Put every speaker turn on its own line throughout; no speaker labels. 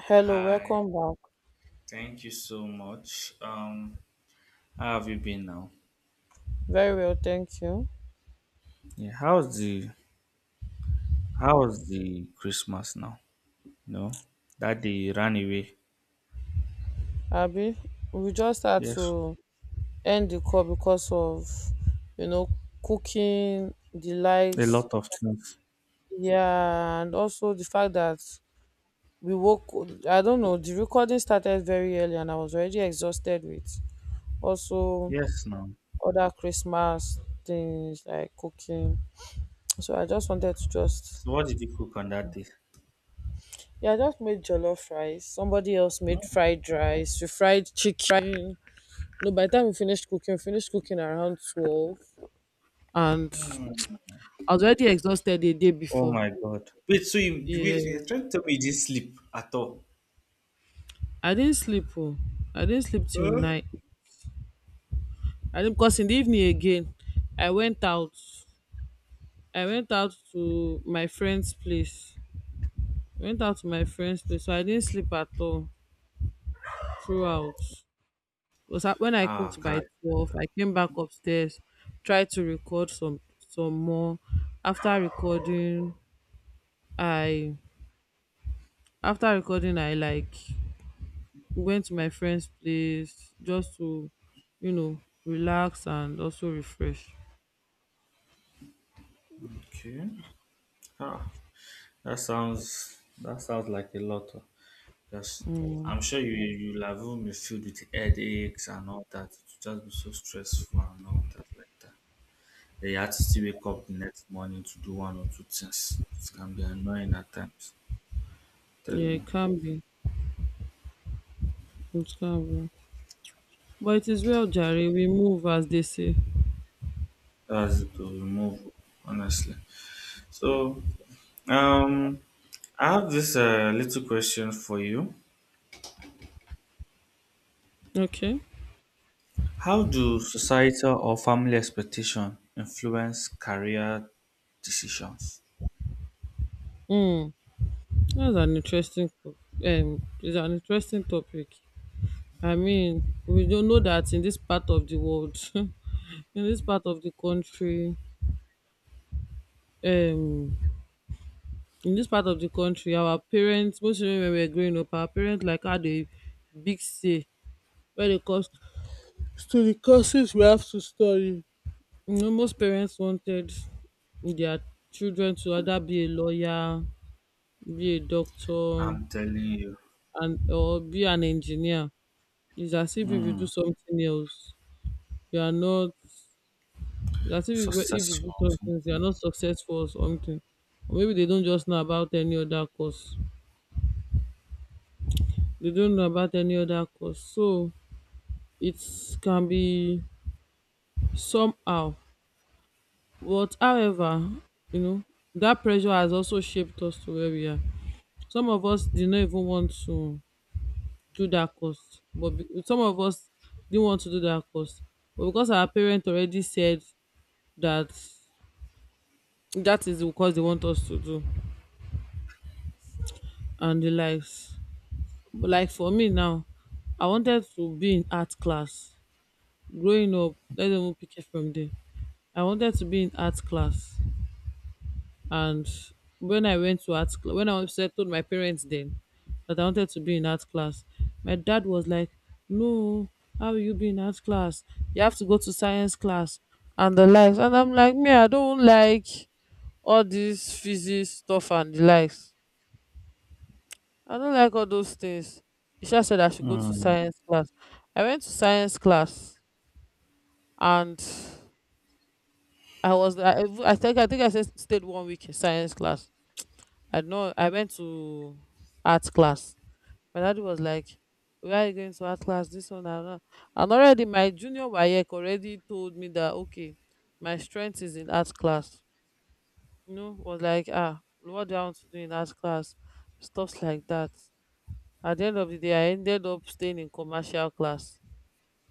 Hello,
Hi,
welcome back.
thank you so much. How have you been now?
Very well, thank you.
Yeah, how's the Christmas now? No, that day you ran away.
Abby, we just had
Yes,
to end the call because of, you know, cooking, the
a
likes,
lot of things.
yeah, and also the fact that we woke, I don't know, the recording started very early and I was already exhausted with also
Yes, now.
other Christmas things like cooking. So I just wanted to just,
So what did you cook on that day?
yeah, I just made jollof rice. Somebody else made
No.
fried rice, we fried chicken. No, by the time we finished cooking around 12. And
Hmm.
I was already exhausted the day
Oh
before.
my God. Wait, so you
Yeah.
wait? You're trying to tell me you didn't sleep at all?
I didn't sleep. Oh. I didn't sleep till
Huh?
night. I didn't, because in the evening again, I went out. I went out to my friend's place. Went out to my friend's place. So I didn't sleep at all throughout. Was that when I
Ah,
cooked
okay.
by 12, I came back upstairs, tried to record some more. After recording, I After recording I like we went to my friend's place just to, you know, relax and also refresh.
Okay. Ah, that sounds like a lot. Oh. Because I'm sure you you have even filled with headaches and all that. It would just be so stressful and all that like that. Then you had to still wake up the next morning to do one or two things. It can be annoying at times. Tell
Yeah, it
you.
can be. It can be. But it is well, Jerry. We move as they say.
That's it to remove, honestly. So um I have this little question for you.
Okay.
How do societal or family expectation influence career decisions?
Hmm. That's an interesting. Co- It's an interesting topic. I mean, we don't know that in this part of the world, this part of the country, um, in this part of the country, our parents, mostly when we were growing up, our parents like had a big say when it comes to the courses we have to study. You know, most parents wanted their children to either be a lawyer, be a doctor,
I'm telling you.
and or be an engineer. It's as if you do
Hmm.
something else, you are not. It's as if if you do
Successful.
something, else, you are not successful or something. Or maybe they don't just know about any other course. They don't know about any other course. So it can be somehow. But however, you know, that pressure has also shaped us to where we are. Some of us did not even want to do that course but be- Some of us didn't want to do that course but because our parents already said that that is the course they want us to do and the likes, but like for me now, I wanted to be in art class growing up. Let's even pick it from there. I wanted to be in art class. And when I went to art class, I told my parents then that I wanted to be in art class. My dad was like, "No, how will you be in art class? You have to go to science class and the likes." And I'm like, "Me, I don't like all this physics stuff and the likes. I don't like all those things." Isha said I should go to
Mm.
science class. I went to science class, and I was I think I think I said stayed 1 week in science class. I went to art class. My daddy was like, "Where are you going to art class? This one and that." And already my junior Wayek already told me that okay, my strength is in art class. You know, was like, ah, what do I want to do in art class? Stuffs like that. At the end of the day, I ended up staying in commercial class,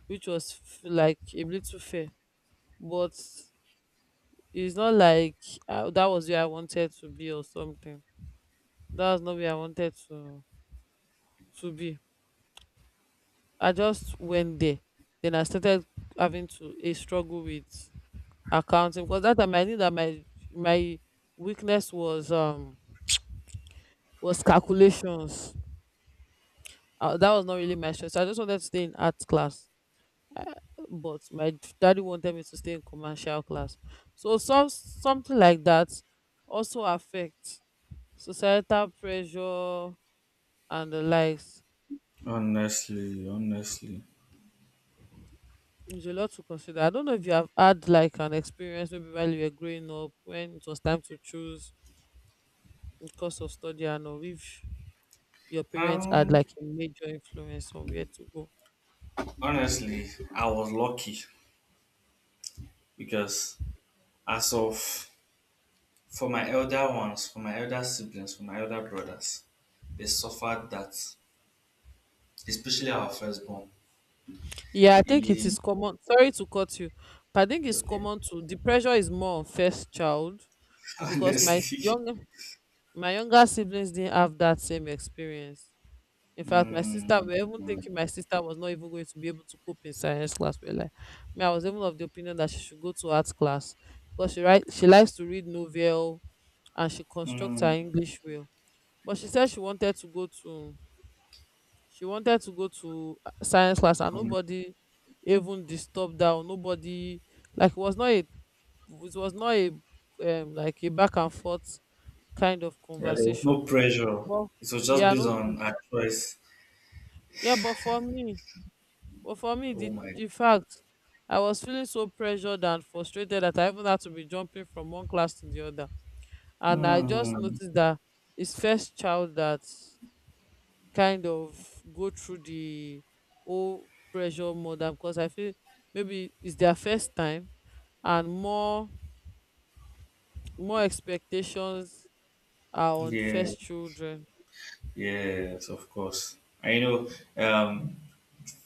which was like a little fair. But it's not like that was where I wanted to be or something. That was not where I wanted to be I just went there. Then I started having to a struggle with accounting because that time I knew that my weakness was calculations. That was not really my strength. So I just wanted to stay in art class, but my daddy wanted me to stay in commercial class. So something like that also affects societal pressure and the likes.
Honestly
There's a lot to consider. I don't know if you have had like an experience maybe while you were growing up when it was time to choose because of study, and or if your parents had
um,
like a major influence on where to go.
honestly, I was lucky because as of for my elder ones, for my elder siblings, for my elder brothers, they suffered that, especially our firstborn.
Yeah, I think it
He,
is common. Sorry to cut you, but I think it's
okay,
common to the pressure is more on first child because
honestly.
my younger siblings didn't have that same experience. In fact, my sister,
Mm,
we were even
mm,
thinking my sister was not even going to be able to cope in science class. We're like, me, I was even of the opinion that she should go to arts class because she write, she likes to read novel and she constructs her
mm,
English well. But she said she wanted to go to science class, and
come-
nobody even disturbed her or nobody like it was not a like a back and forth kind of
yeah, there was
conversation
no pressure.
but
It was just
yeah
based
no pre-
on our choice.
yeah, but for me,
Oh
the
my.
fact I was feeling so pressured and frustrated that I even had to be jumping from one class to the other, and I just
Mm,
noticed that his first child that kind of go through the whole pressure more than because I feel maybe it's their first time, and more expectations are on
yeah.
first children.
Yes, of course. I know. Um,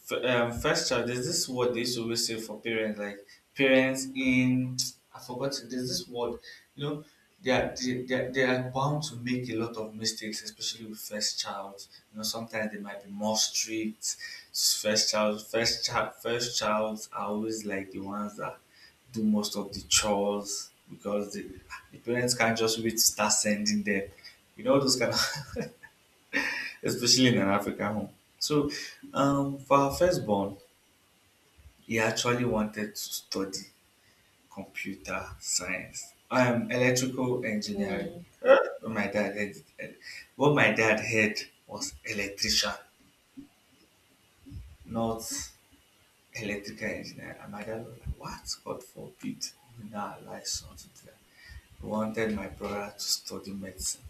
f- first child. There's this word they used to always say for parents, like parents in. I forgot. There's this word. You know, they are bound to make a lot of mistakes, especially with first child. You know, sometimes they might be more strict. First child are always like the ones that do most of the chores because the parents can't just wait to start sending them. You know those kind of. Especially in an African home. So, for our firstborn, he actually wanted to study computer science, electrical engineering.
Mm,
Eh, But my dad, heard it- what my dad heard was electrician, not electrical engineer. And my dad was like, "What? God forbid! You know, I like something." He wanted my brother to study medicine.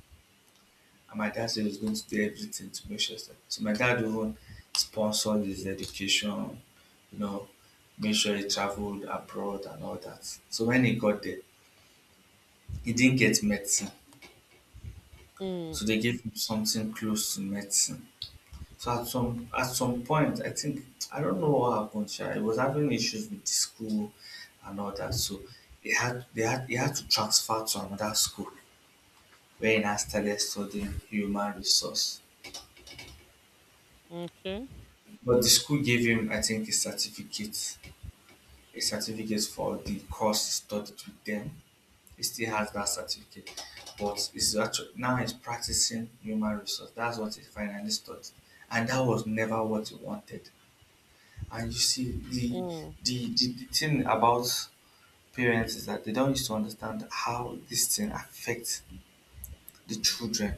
And my dad said he was going to do everything to make sure. That, so my dad even sponsored his education, you know, made sure he traveled abroad and all that. So when he got there, he didn't get medicine. So
mm,
they gave him something close to medicine. So at some point, I think I don't know what happened. Sha. He was having issues with the school and all that. So he had to transfer to another school where he now started studying human resource.
okay.
But the school gave him, I think, a certificate for the course he studied with them. He still has that certificate, but he's actually now he's practicing human resource. That's what he finally studied, and that was never what he wanted. And you see, the
Mm,
the thing about parents is that they don't used to understand how this thing affects the children.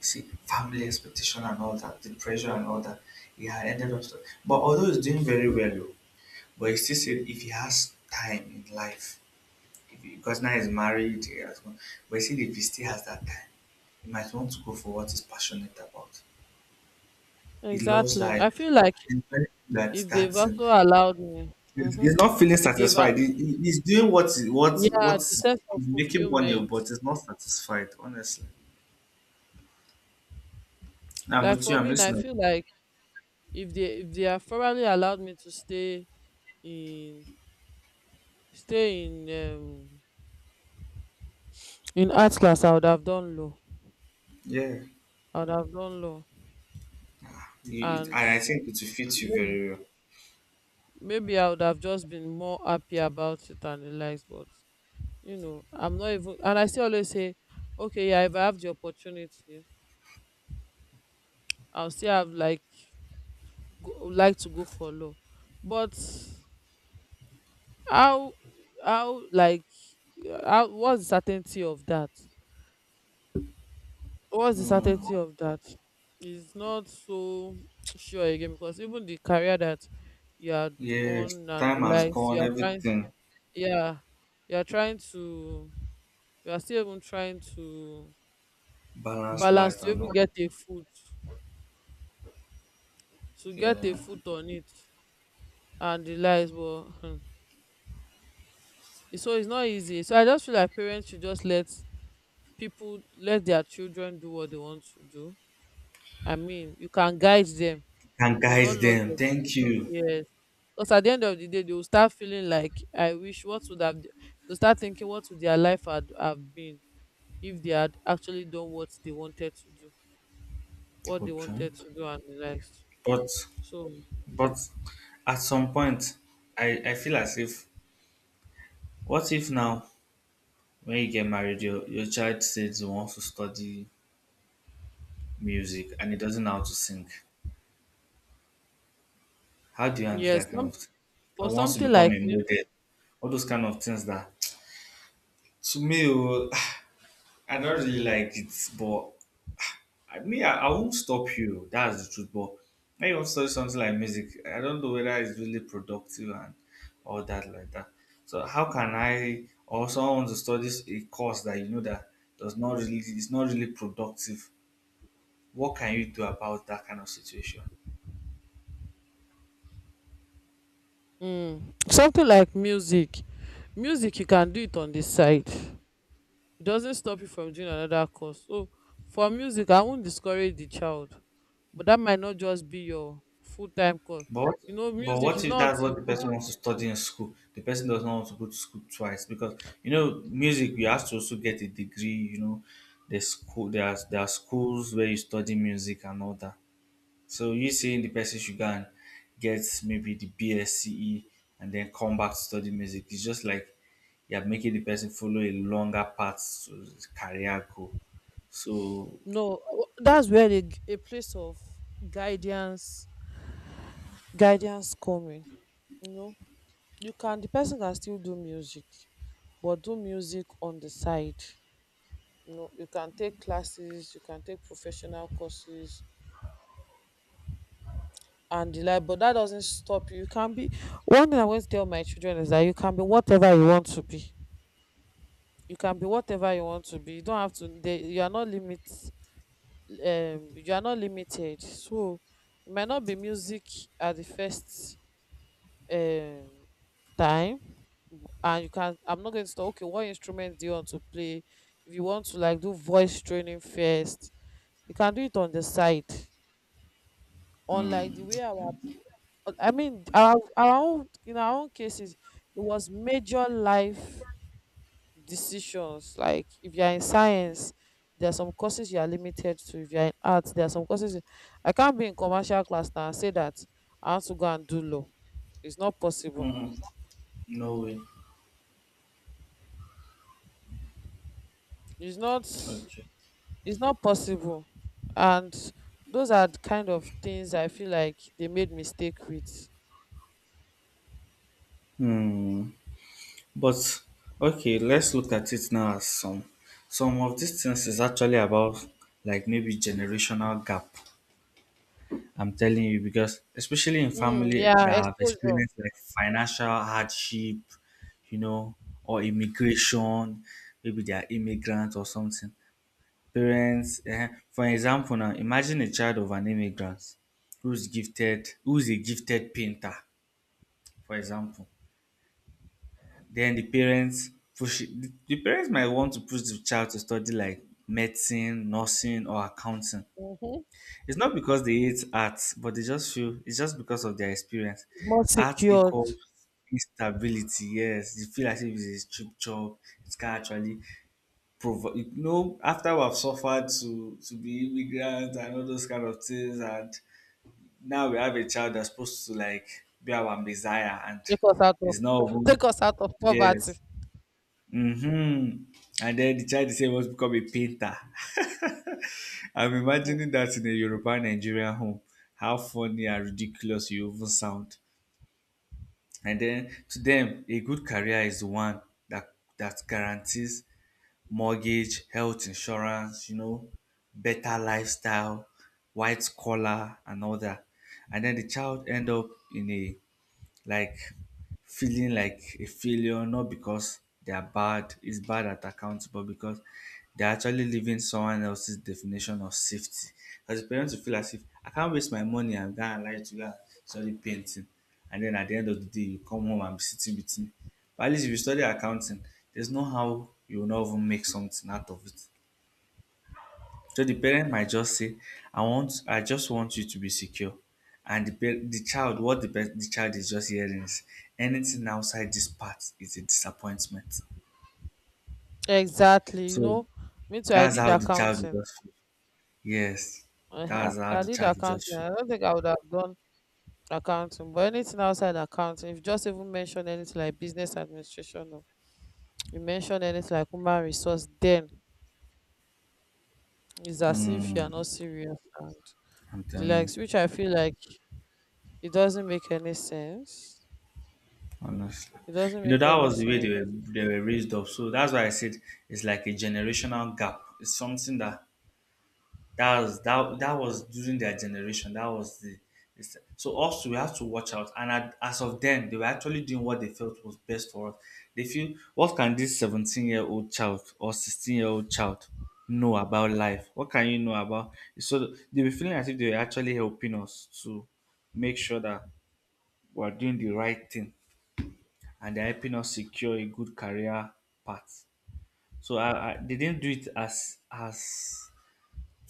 See, family expectation and all that, the pressure and all that. He had ended up, stu- but although he's doing very well. But he still said if he has time in life, if he, because now he's married, he has one, but he said if he still has that time, he might want to go for what he's passionate about. He loves
exactly.
that.
I feel like
He's very good at that.
if they've
That's him.
also allowed me, mm-hmm,
He's not feeling
if they've a-
satisfied. He's doing what
yeah, the
what's
sense of
he's making money,
fulfillment.
but he's not satisfied. Honestly, I'm
Like
with you.
for
I'm
me, now, I
listening.
feel like if they have probably allowed me to stay in stay in um in art class, I would have done law.
Yeah.
I would have done law,
You- it-
and
I think it will fit you
maybe
very well.
maybe I would have just been more happy about it and relaxed. But you know, I'm not even. And I still always say, okay, yeah, if I have the opportunity, I'll still have like go, like to go for law. But how how like how what's the certainty of that? What's the
Mm.
certainty of that? It's not so sure again because even the career that you are
Yes,
on and
time
the
has
likes,
gone.
you are trying,
Everything,
yeah, you are trying to, you are still even trying to
balanced
balance
life
to
and
even
all.
get a foot, to get a
Yeah.
foot on it and the likes, but hmm, it's- so it's not easy. So I just feel like parents should just let people let their children do what they want to do. I mean, you can guide them
Can
but not
guide
lodge
them.
your
Thank you.
decision. Yes. Because at the end of the day, they will start feeling like, I wish what would have, they'll start thinking what would their life had have been if they had actually done what they wanted to do, what they
Okay.
wanted to do and the rest.
But
So,
but at some point, I feel as if what if now when you get married, your child says he wants to study music and he doesn't know how to sing. How do you handle
yes,
that kind
some,
of thing? I
for
wants to
something
become
like,
a
mu-
model. All those kind of things that to me, oh, I don't really like it, but I mean, I won't stop you. That's the truth. But when you want to study something like music, I don't know whether it's really productive and all that like that. So how can I or someone wants to study a course that you know that does not really it's not really productive? What can you do about that kind of situation?
mm, something like music, you can do it on the side. It doesn't stop you from doing another course. So for music, I won't discourage the child, but that might not just be your full time course.
But what-
You know,
but
music
what
is
if
not
that's what
until
the
you go.
person wants to study in school? The person does not want to go to school twice because you know music you have to also get a degree. You know, there are schools where you study music and all that. So you saying the person should go and get maybe the BSCE and then come back to study music. It's just like you're making the person follow a longer path to his career goal. So
No, that's where a place of guidance, guidance coming. You know, you can the person can still do music, but do music on the side. You know, you can take classes, you can take professional courses, and the like, but that doesn't stop you. You can be one thing I always tell my children is that you can be whatever you want to be. You can be whatever you want to be. You don't have to they, you are not limit you are not limited. So it might not be music at the first um time, and you can I'm not going to talk okay, what instrument do you want to play? If you want to like do voice training first, you can do it on the side, unlike the way our in our own cases, it was major life decisions. Like if you're in science, there are some courses you are limited to. If you're in arts, there are some courses. I can't be in commercial class now and say that I want to go and do law. It's not possible.
mm-hmm. No way.
It's not.
Okay.
It's not possible. And those are the kind of things I feel like they made mistake with.
Hmm. But okay, let's look at it now as some of these things is actually about like maybe generational gap. I'm telling you because especially in
Mm,
family
yeah,
that have
exposure.
experienced like financial hardship, you know, or immigration, maybe they are immigrants or something. Parents, eh, for example, now imagine a child of an immigrant who's gifted, who's a gifted painter, for example. Then the parents the parents might want to push the child to study like medicine, nursing, or accounting.
Hmm.
It's not because they hate art, but they just feel it's just because of their experience.
It's more
Art equals
secured.
instability. Yes, you feel as if it's a cheap job. It can actually provide. You know, after we have suffered to be immigrants and all those kind of things, and now we have a child that's supposed to like be our messiah, and
Take us out of
it's not. Even-
take us out of
yes.
poverty.
Mm-hmm. And then the child said he wants to become a painter. I'm
Hmm.
imagining that in a European Nigerian home. How funny and ridiculous you even sound. And then to them, a good career is the one that that guarantees mortgage, health insurance, you know, better lifestyle, white collar, and all that. And then the child end up in a like feeling like a failure, not because they are bad, is bad at accounts, but because they're actually living someone else's definition of safety. As a parent, you feel as if I can't waste my money, I'm gonna lie to you, and study painting. And then at the end of the day, you come home and be sitting with me. But at least if you study accounting, there's no how you will not even make something out of it. So the parent might just say, "I want, I just want you to be secure," and the child, what the child is just hearing is, "Anything outside this part is a disappointment."
Exactly. You
So
know, me too. I
that's
did
how the child will
accounting.
just feel. Yes,
I,
that's how
I
the
did
child will just
accounting.
feel.
I don't think I would have done accounting, but anything outside accounting, if you just even mention anything like business administration or you mention anything like human resource, then it's as if you are
Hmm,
not serious and
I'm
the
telling you,
likes, which I feel like it doesn't make any sense.
honestly.
It doesn't
You know,
make
that
any
was the way
sense.
they were raised up. So that's why I said it's like a generational gap. It's something that that was that was during their generation. That was the it's- so us we have to watch out. And at, as of then, they were actually doing what they felt was best for us. They feel what can this 17 year old child or 16 year old child know about life? What can you know about? So they were feeling as if they were actually helping us to make sure that we're doing the right thing and they're helping us secure a good career path. So they didn't do it as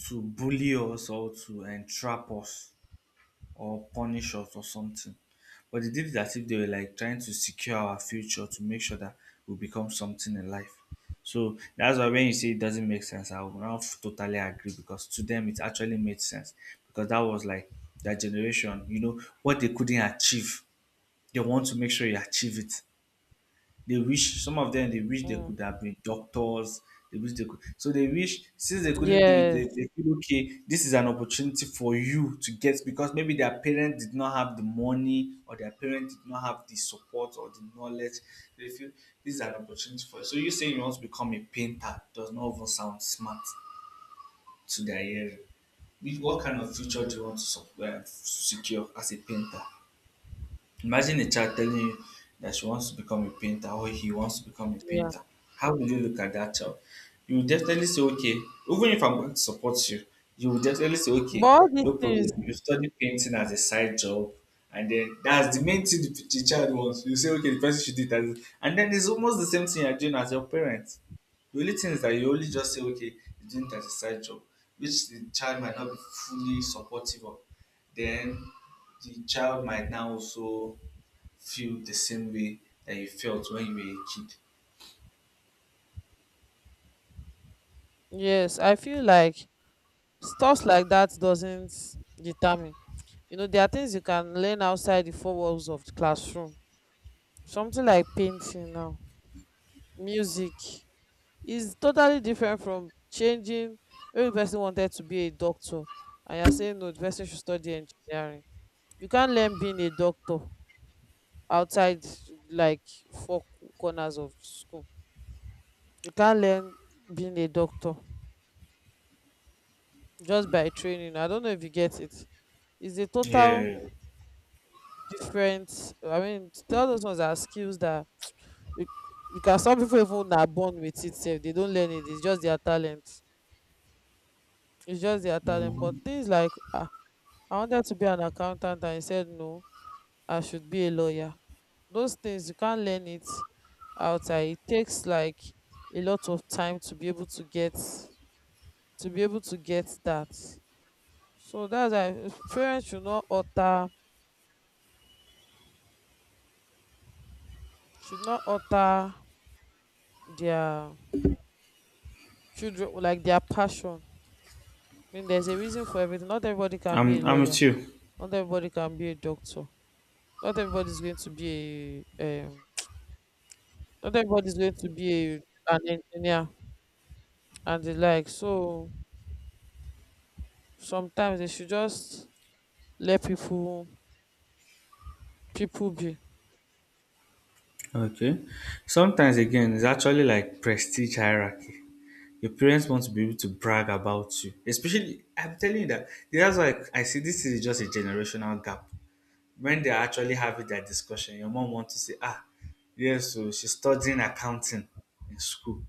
to bully us or to entrap us or punish us or something. But they did it as if they were like trying to secure our future to make sure that we become something in life. So that's why when you say it doesn't make sense, I will not totally agree because to them it actually made sense because that was like their generation, you know, what they couldn't achieve, they want to make sure you achieve it. They wish some of them they wish they
Mm.
could have been doctors. They wish they could. So they wish since they couldn't do it,
Yes,
they feel okay. This is an opportunity for you to get because maybe their parents did not have the money or their parents did not have the support or the knowledge. They feel this is an opportunity for you. So you saying you want to become a painter does not even sound smart to their hearing. With what kind of future do you want to sup- secure as a painter? Imagine a child telling you that she wants to become a painter or he wants to become a
yeah.
painter. How will you look at that child? You will definitely say, okay, even if I'm going to support you, you will definitely say,
But
okay,
all these
no problem.
things,
You study painting as a side job. And then that's the main thing the child wants. You say, okay, the person should do it. As, and then it's almost the same thing you're doing as your parents. The only thing is that you only just say, okay, you're doing it as a side job, which the child might not be fully supportive of. Then the child might now also feel the same way that you felt when you were a kid.
yes, I feel like stuff like that doesn't determine. You know there are things you can learn outside the four walls of the classroom. Something like painting now, music is totally different from changing. Every person wanted to be a doctor and you're saying no, the person should study engineering. You can't learn being a doctor outside like four corners of school. You can't learn being a doctor just by training. I don't know if you get it. It's a total
Yeah.
different, I mean to tell those ones are skills that you- because some people even are born with it sef, they don't learn it, it's just their talent. It's just their talent. But
Mhm.
things like, ah, I wanted to be an accountant and he said no, I should be a lawyer. Those things you can't learn it outside. It takes like a lot of time to be able to get to be able to get that. So that's why parents should not alter, should not alter their children, like their passion. I mean, there's a reason for everything. Not everybody can be a
I'm with
lawyer.
you.
Not everybody can be a doctor. Not everybody's going to be a not everybody's going to be an engineer and the like. So sometimes they should just let people be.
Okay. Sometimes again, it's actually like prestige hierarchy. Your parents want to be able to brag about you. Especially I'm telling you that that's why I see this is just a generational gap. When they're actually having that discussion, your mom wants to say, ah, yes, so she's studying accounting in school.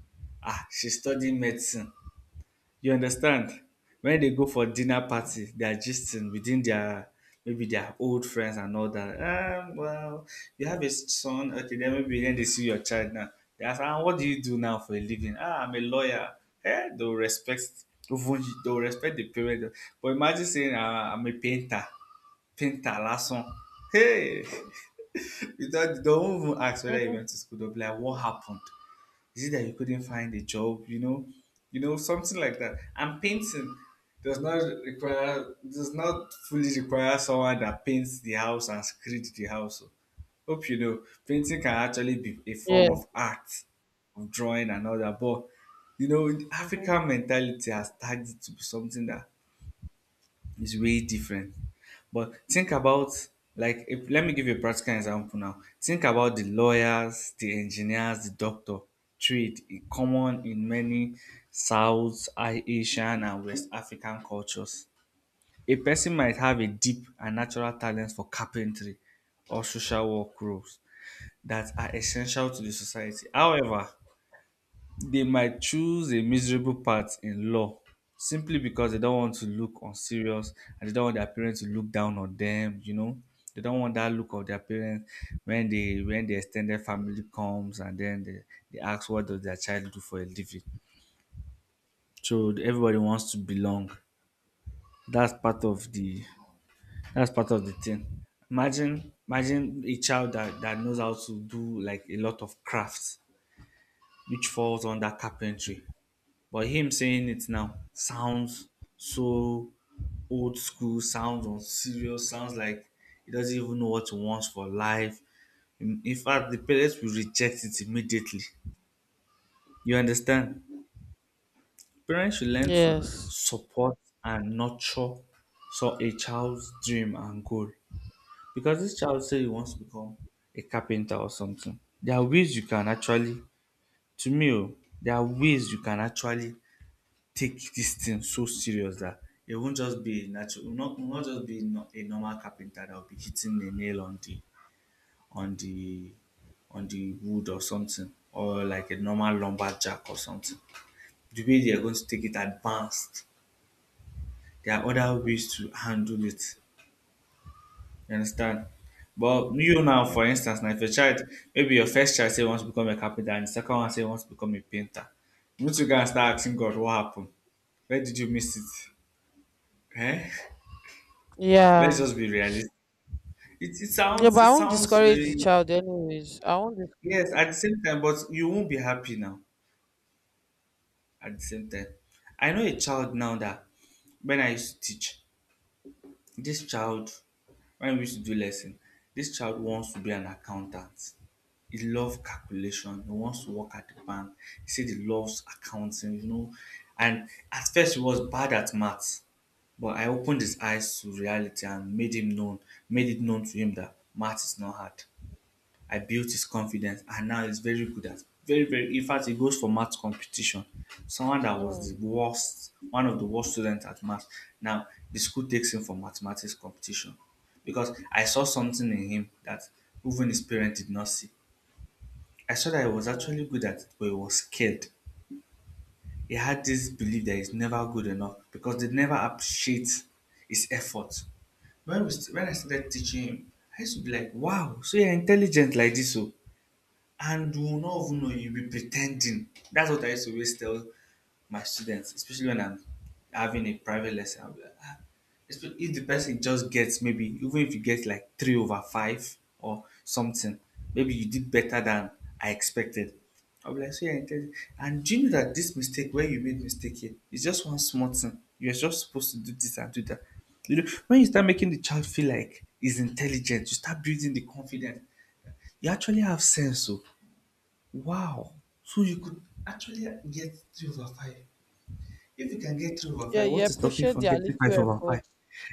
Ah, she's studying medicine. You understand? When they go for dinner party, they are gisting within their maybe their old friends and all that. Well, you have a son. Okay, then maybe then they see your child now. They ask, ah, what do you do now for a living? Ah, I'm a lawyer. Eh, even they'll respect the parent. But imagine saying, ah, I'm a painter. Painter, last one. Hey! Without do they don't even ask whether you
Mm-hmm.
went to school. They'll be like, what happened? Is it that you couldn't find a job? Something like that. And painting does not fully require someone that paints the house and screed the house. Oh. Hope you know, painting can actually be a
Yeah.
form of art, of drawing and all that. But the African
Mm-hmm.
mentality has tagged it to be something that it's way different. But think about like if, let me give you a practical example now. Think about the lawyers, the engineers, the doctor trade in common in many South Asian and West African cultures. A person might have a deep and natural talent for carpentry or social work roles that are essential to the society. However, they might choose a miserable path in law simply because they don't want to look unserious and they don't want their parents to look down on them. They don't want that look of their parents when the extended family comes and then they ask what does their child do for a living. So everybody wants to belong. That's part of the that's part of the thing. Imagine a child that knows how to do like a lot of crafts, which falls under carpentry. But him saying it now sounds so old school, sounds unserious, sounds like he doesn't even know what he wants for life. In fact, the parents will reject it immediately. You understand? Parents should learn to
Yes.
support and nurture so a child's dream and goal. Because this child say he wants to become a carpenter or something. There are ways you can actually, To me, oh, there are ways you can actually take this thing so serious that it won't just be natural, it will not just be a normal carpenter that will be hitting the nail on the on the wood or something, or like a normal lumberjack or something. The way they are going to take it advanced, there are other ways to handle it. You understand? But you now, for
Mm.
instance, now if your child, maybe your first child say wants to become a carpenter, and the second one say wants to become a painter, you two guys start asking God, what happened? Where did you miss it? Eh? Let's
Yeah.
just be realistic. It
Yeah,
sounds
but
it
I won't
sounds
discourage the
very
child anyways. I won't discourage.
yes at the same time, but you won't be happy now at the same time. I know a child now that when I used to teach, this child when we used to do lesson, this child wants to be an accountant. He loves calculation. He wants to work at the bank. He said he loves accounting. And at first he was bad at maths. But I opened his eyes to reality and made it known to him that math is not hard. I built his confidence and now he's very good at very, in fact he goes for math competition. Someone that was
Mm,
the worst, one of the worst students at math. Now the school takes him for mathematics competition because I saw something in him that even his parents did not see. I saw that he was
mm.
actually good at it, but he was scared. He had this belief that he's never good enough because they never appreciate his effort. When I started teaching him, I used to be like, "Wow, so you're intelligent like this, so and you will not even know you'll be pretending." That's what I used to always tell my students, especially when I'm having a private lesson. I'll be like, if the person just gets maybe even if you get like three over five or something, maybe you did better than I expected. I'll be like, so you're intelligent. And do you know that this mistake where you made mistake here is just one small thing. You're just supposed to do this and do that. When you start making the child feel like he's intelligent, you start building the confidence. You actually have sense. So wow! So you could actually get three over five. If you can get three over
Yeah,
five, what
you
is stopping you
appreciate
from
their
getting
little
five over five?
effort,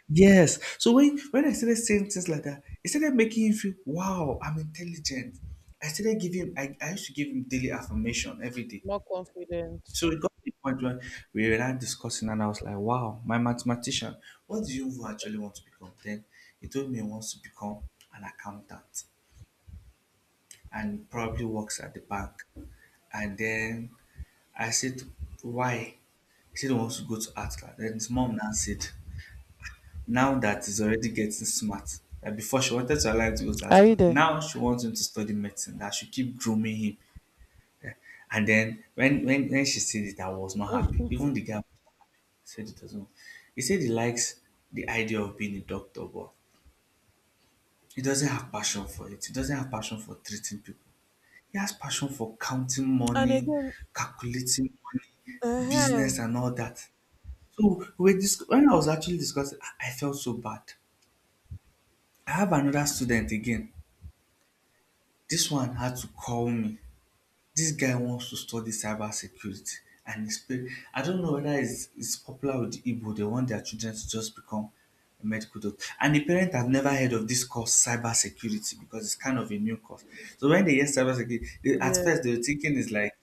Yes. So when I started saying things like that, it started making him feel, wow, I'm intelligent. I started giving him I used to give him daily affirmation every day.
more confident.
So it got to the point where we were now discussing and I was like, wow, my mathematician, what do you actually want to become? Then he told me he wants to become an accountant, and probably works at the bank. And then I said, why? He said he wants to go to art class. Then his mom now said, now that he's already getting smart, that before she wanted to allow him to go to art
Are you
class,
there?
now she wants him to study medicine, that she keep grooming him. And then when she said it, I was not happy.
and
Even the guy said it doesn't. He said he likes the idea of being a doctor, but he doesn't have passion for it. He doesn't have passion for treating people. He has passion for counting money,
again,
calculating money, business
uh-huh.
and all that. So when I was actually discussing, I felt so bad. I have another student again. This one had to call me. This guy wants to study cyber security, and his parents, I don't know whether it's popular with the Igbo, they want their children to just become a medical doctor. And the parents have never heard of this course, cyber security, because it's kind of a new course. So when they hear cyber security, at
Yeah.
first they were thinking it's like,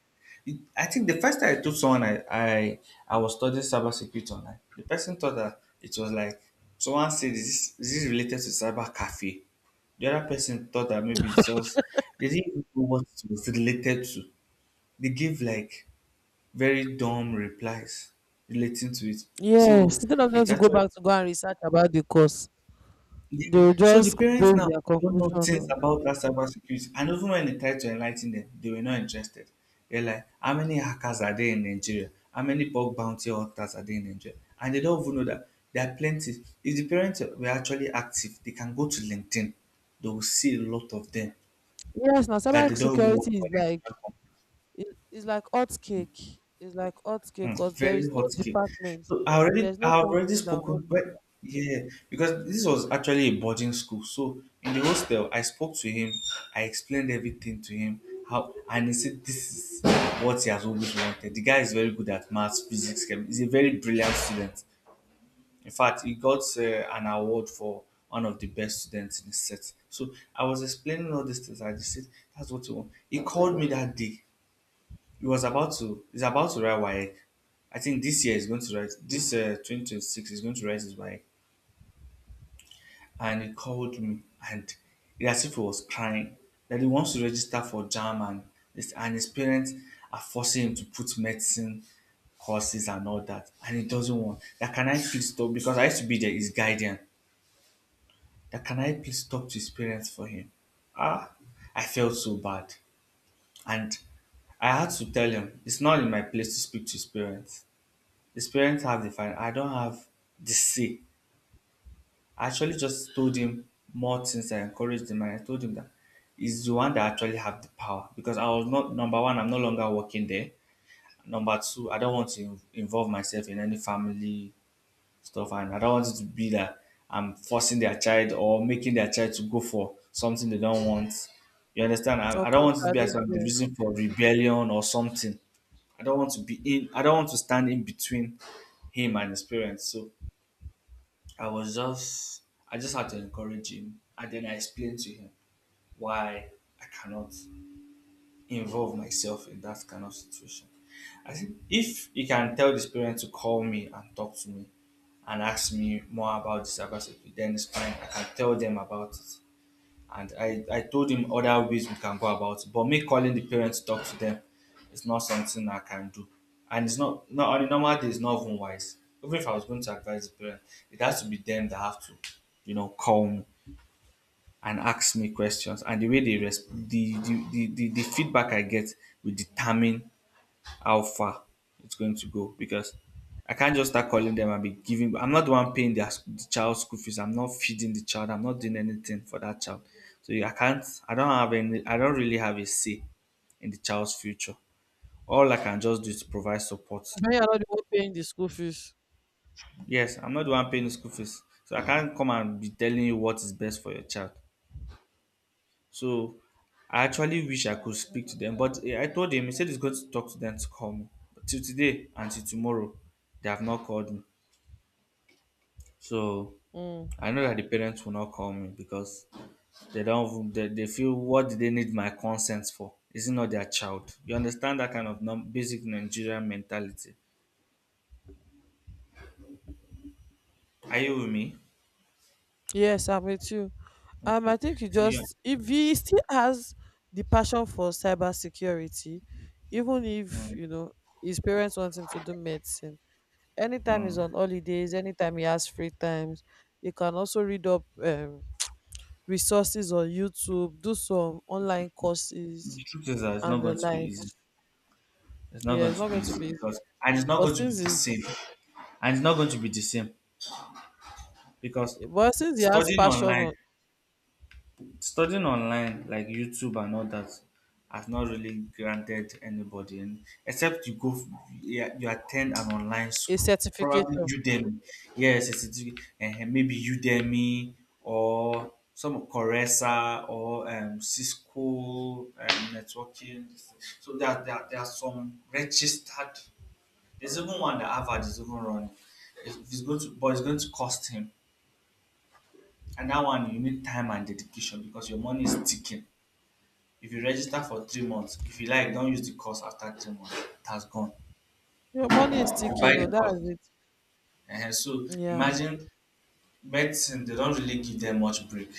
I think the first time I told someone I was studying cyber security online, the person thought that it was like someone said, is this related to cyber cafe? The other person thought that maybe it's just they didn't even know what it was related to. They gave like very dumb replies relating to it.
Yes.
So
Instead of them
it's
to go
actually
back to go and research about the course,
Yeah.
they'll
So the
just
parents
base
now
their
don't
conclusion
know things
on.
about that cyber security. And even when they tried to enlighten them, they were not interested. They're like, how many hackers are there in Nigeria? How many bug bounty hunters are there in Nigeria? And they don't even know that there are plenty. If the parents were actually active, they can go to LinkedIn. They will see a lot of them
Yes, now
that they
cyber
don't even work
security is
for the
like
Nigerian company.
it's like hot cake. It's like hot cake
Hmm,
because there
very
is no
hot cake.
department,
So
there's no
I have already
company that
spoken
won't
but yeah, because this was actually a boarding school. So in the hostel I spoke to him, I explained everything to him, how and he said this is what he has always wanted. The guy is very good at maths, physics, chem. He's a very brilliant student. In fact, he got an award for one of the best students in his set. So I was explaining all these things. I just said, that's what he want. He called me that day. He was about to. He's about to ride Wayek. I think this year is going to write. This 2026 is going to write his Wayek. And he called me, and it as if he was crying that he wants to register for JAM and this, and his parents are forcing him to put medicine courses and all that, and he doesn't want. That can I please stop because I used to be there, his guardian. That can I please talk to his parents for him? Ah, I felt so bad, and I had to tell him it's not in my place to speak to his parents. His parents have the finance. I don't have the say. I actually just told him more things. I encouraged him and I told him that he's the one that actually have the power because I was not number one. I'm no longer working there. Number two, I don't want to involve myself in any family stuff, and I don't want it to be that I'm forcing their child or making their child to go for something they don't want. You understand? I,
or
I don't want it to be as
contradict
I'm the
them.
reason for rebellion or something. I don't want to be in. I don't want to stand in between him and his parents. So I was just, I just had to encourage him. And then I explained to him why I cannot involve myself in that kind of situation. I think if he can tell his parents to call me and talk to me and ask me more about the cybersecurity, then it's fine. I can tell them about it. And I told him other ways we can go about it. But me calling the parents to talk to them is not something I can do. And it's not, not on a normal day, it's not even wise. Even if I was going to advise the parents, it has to be them that have to, you know, call me and ask me questions. And the way they the feedback I get will determine how far it's going to go because I can't just start calling them and be giving. I'm not the one paying their the child's school fees. I'm not feeding the child. I'm not doing anything for that child. So I can't. I don't have any. I don't really have a say in the child's future. All I can just do is provide support.
When you're not the one paying the school fees.
Yes, I'm not the one paying the school fees, so I can't come and be telling you what is best for your child. So I actually wish I could speak to them, but I told him he said he's going to talk to them to call me. But till today and till tomorrow, they have not called me. So
Mm.
I know that the parents will not call me because they don't even- they feel what do they need my consent for? Is it not their child? You understand that kind of basic Nigerian mentality. Are you with me?
Yes, I'm with you.
Okay.
I think he
So yeah.
just if he still has the passion for cybersecurity, even if
Mm,
you know his parents want him to do medicine. Anytime he's
mm.
on holidays, anytime he has free times, he can also read up resources on YouTube, do some online courses
The truth is that it's not
and the
going to be easy.
likes.
It's not
Yeah,
going
it's not
to be
going to
easy
be easy.
because and it's not
But
going to be
since
the same.
he's,
And it's not going to be the same because
but since he has
studying
passion
online
on
studying online like youtube and all that has not really granted anybody and except you go yeah, you attend an online
a
school probably
certification,
udemy yes it's maybe udemy or some Coresa or Cisco networking. So there are some registered. There's even one that Harvard is even running. It's going to, but it's going to cost him. And that one you need time and dedication because your money is ticking. If you register for 3 months, if you like, don't use the course after 3 months. It has gone.
your money is
You buy
ticking. Oh,
the course.
that is it.
And so
Yeah,
imagine medicine, they don't really give them much break.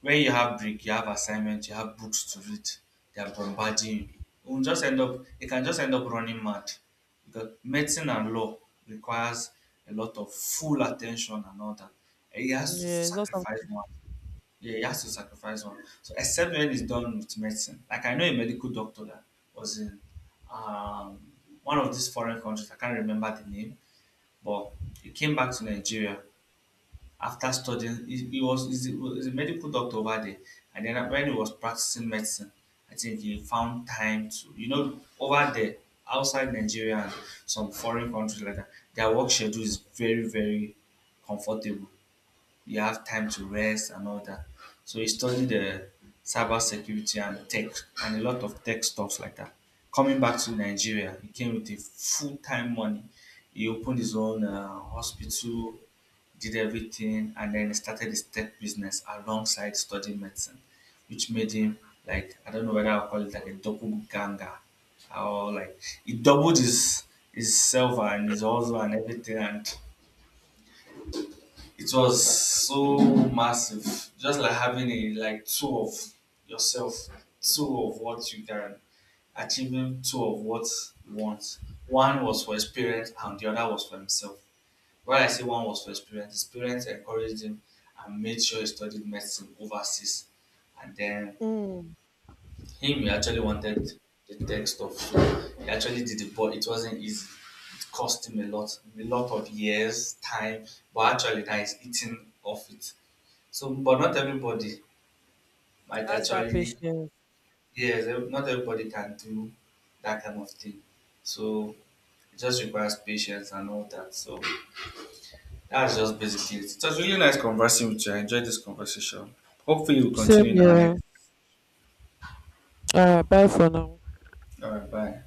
When you have break, you have assignment, you have books to read. They are bombarding you. You will just end up, you can just end up running mad. Because medicine and law requires a lot of full attention and all that. And he has to
yeah, it's not
sacrifice
something.
more. Yeah, he has to sacrifice one. So except when it's done with medicine. Like I know a medical doctor that was in um, one of these foreign countries. I can't remember the name, but he came back to Nigeria after studying. He's he's a medical doctor over there, and then when he was practicing medicine, I think he found time to you know over there outside Nigeria and some foreign countries like that. Their work schedule is very very comfortable you have time to rest and all that. So he studied the cyber security and tech and a lot of tech stuff like that. Coming back to Nigeria, he came with a full time money. He opened his own hospital, did everything, and then he started his tech business alongside studying medicine, which made him like I don't know whether I'll call it like a doppelganger or like he doubled his silver and his also and everything and it was so massive, just like having a like two of yourself, two of what you can, achieving two of what you want. One was for experience and the other was for himself. Why I say one was for experience, his parents encouraged him and made sure he studied medicine overseas. And then
Mm.
him, he actually wanted the tech stuff. So he actually did it, but it wasn't easy. It cost him a lot of years, time, but actually now he's eating off it. So, but not everybody might
That's that
actually,
patience.
yes, not everybody can do that kind of thing. So it just requires patience and all that. So that's just basically it. It was really nice conversing with you. I enjoyed this conversation. Hopefully, we'll continue
Same
in our
here.
next.
Alright, bye for now.
All right, bye.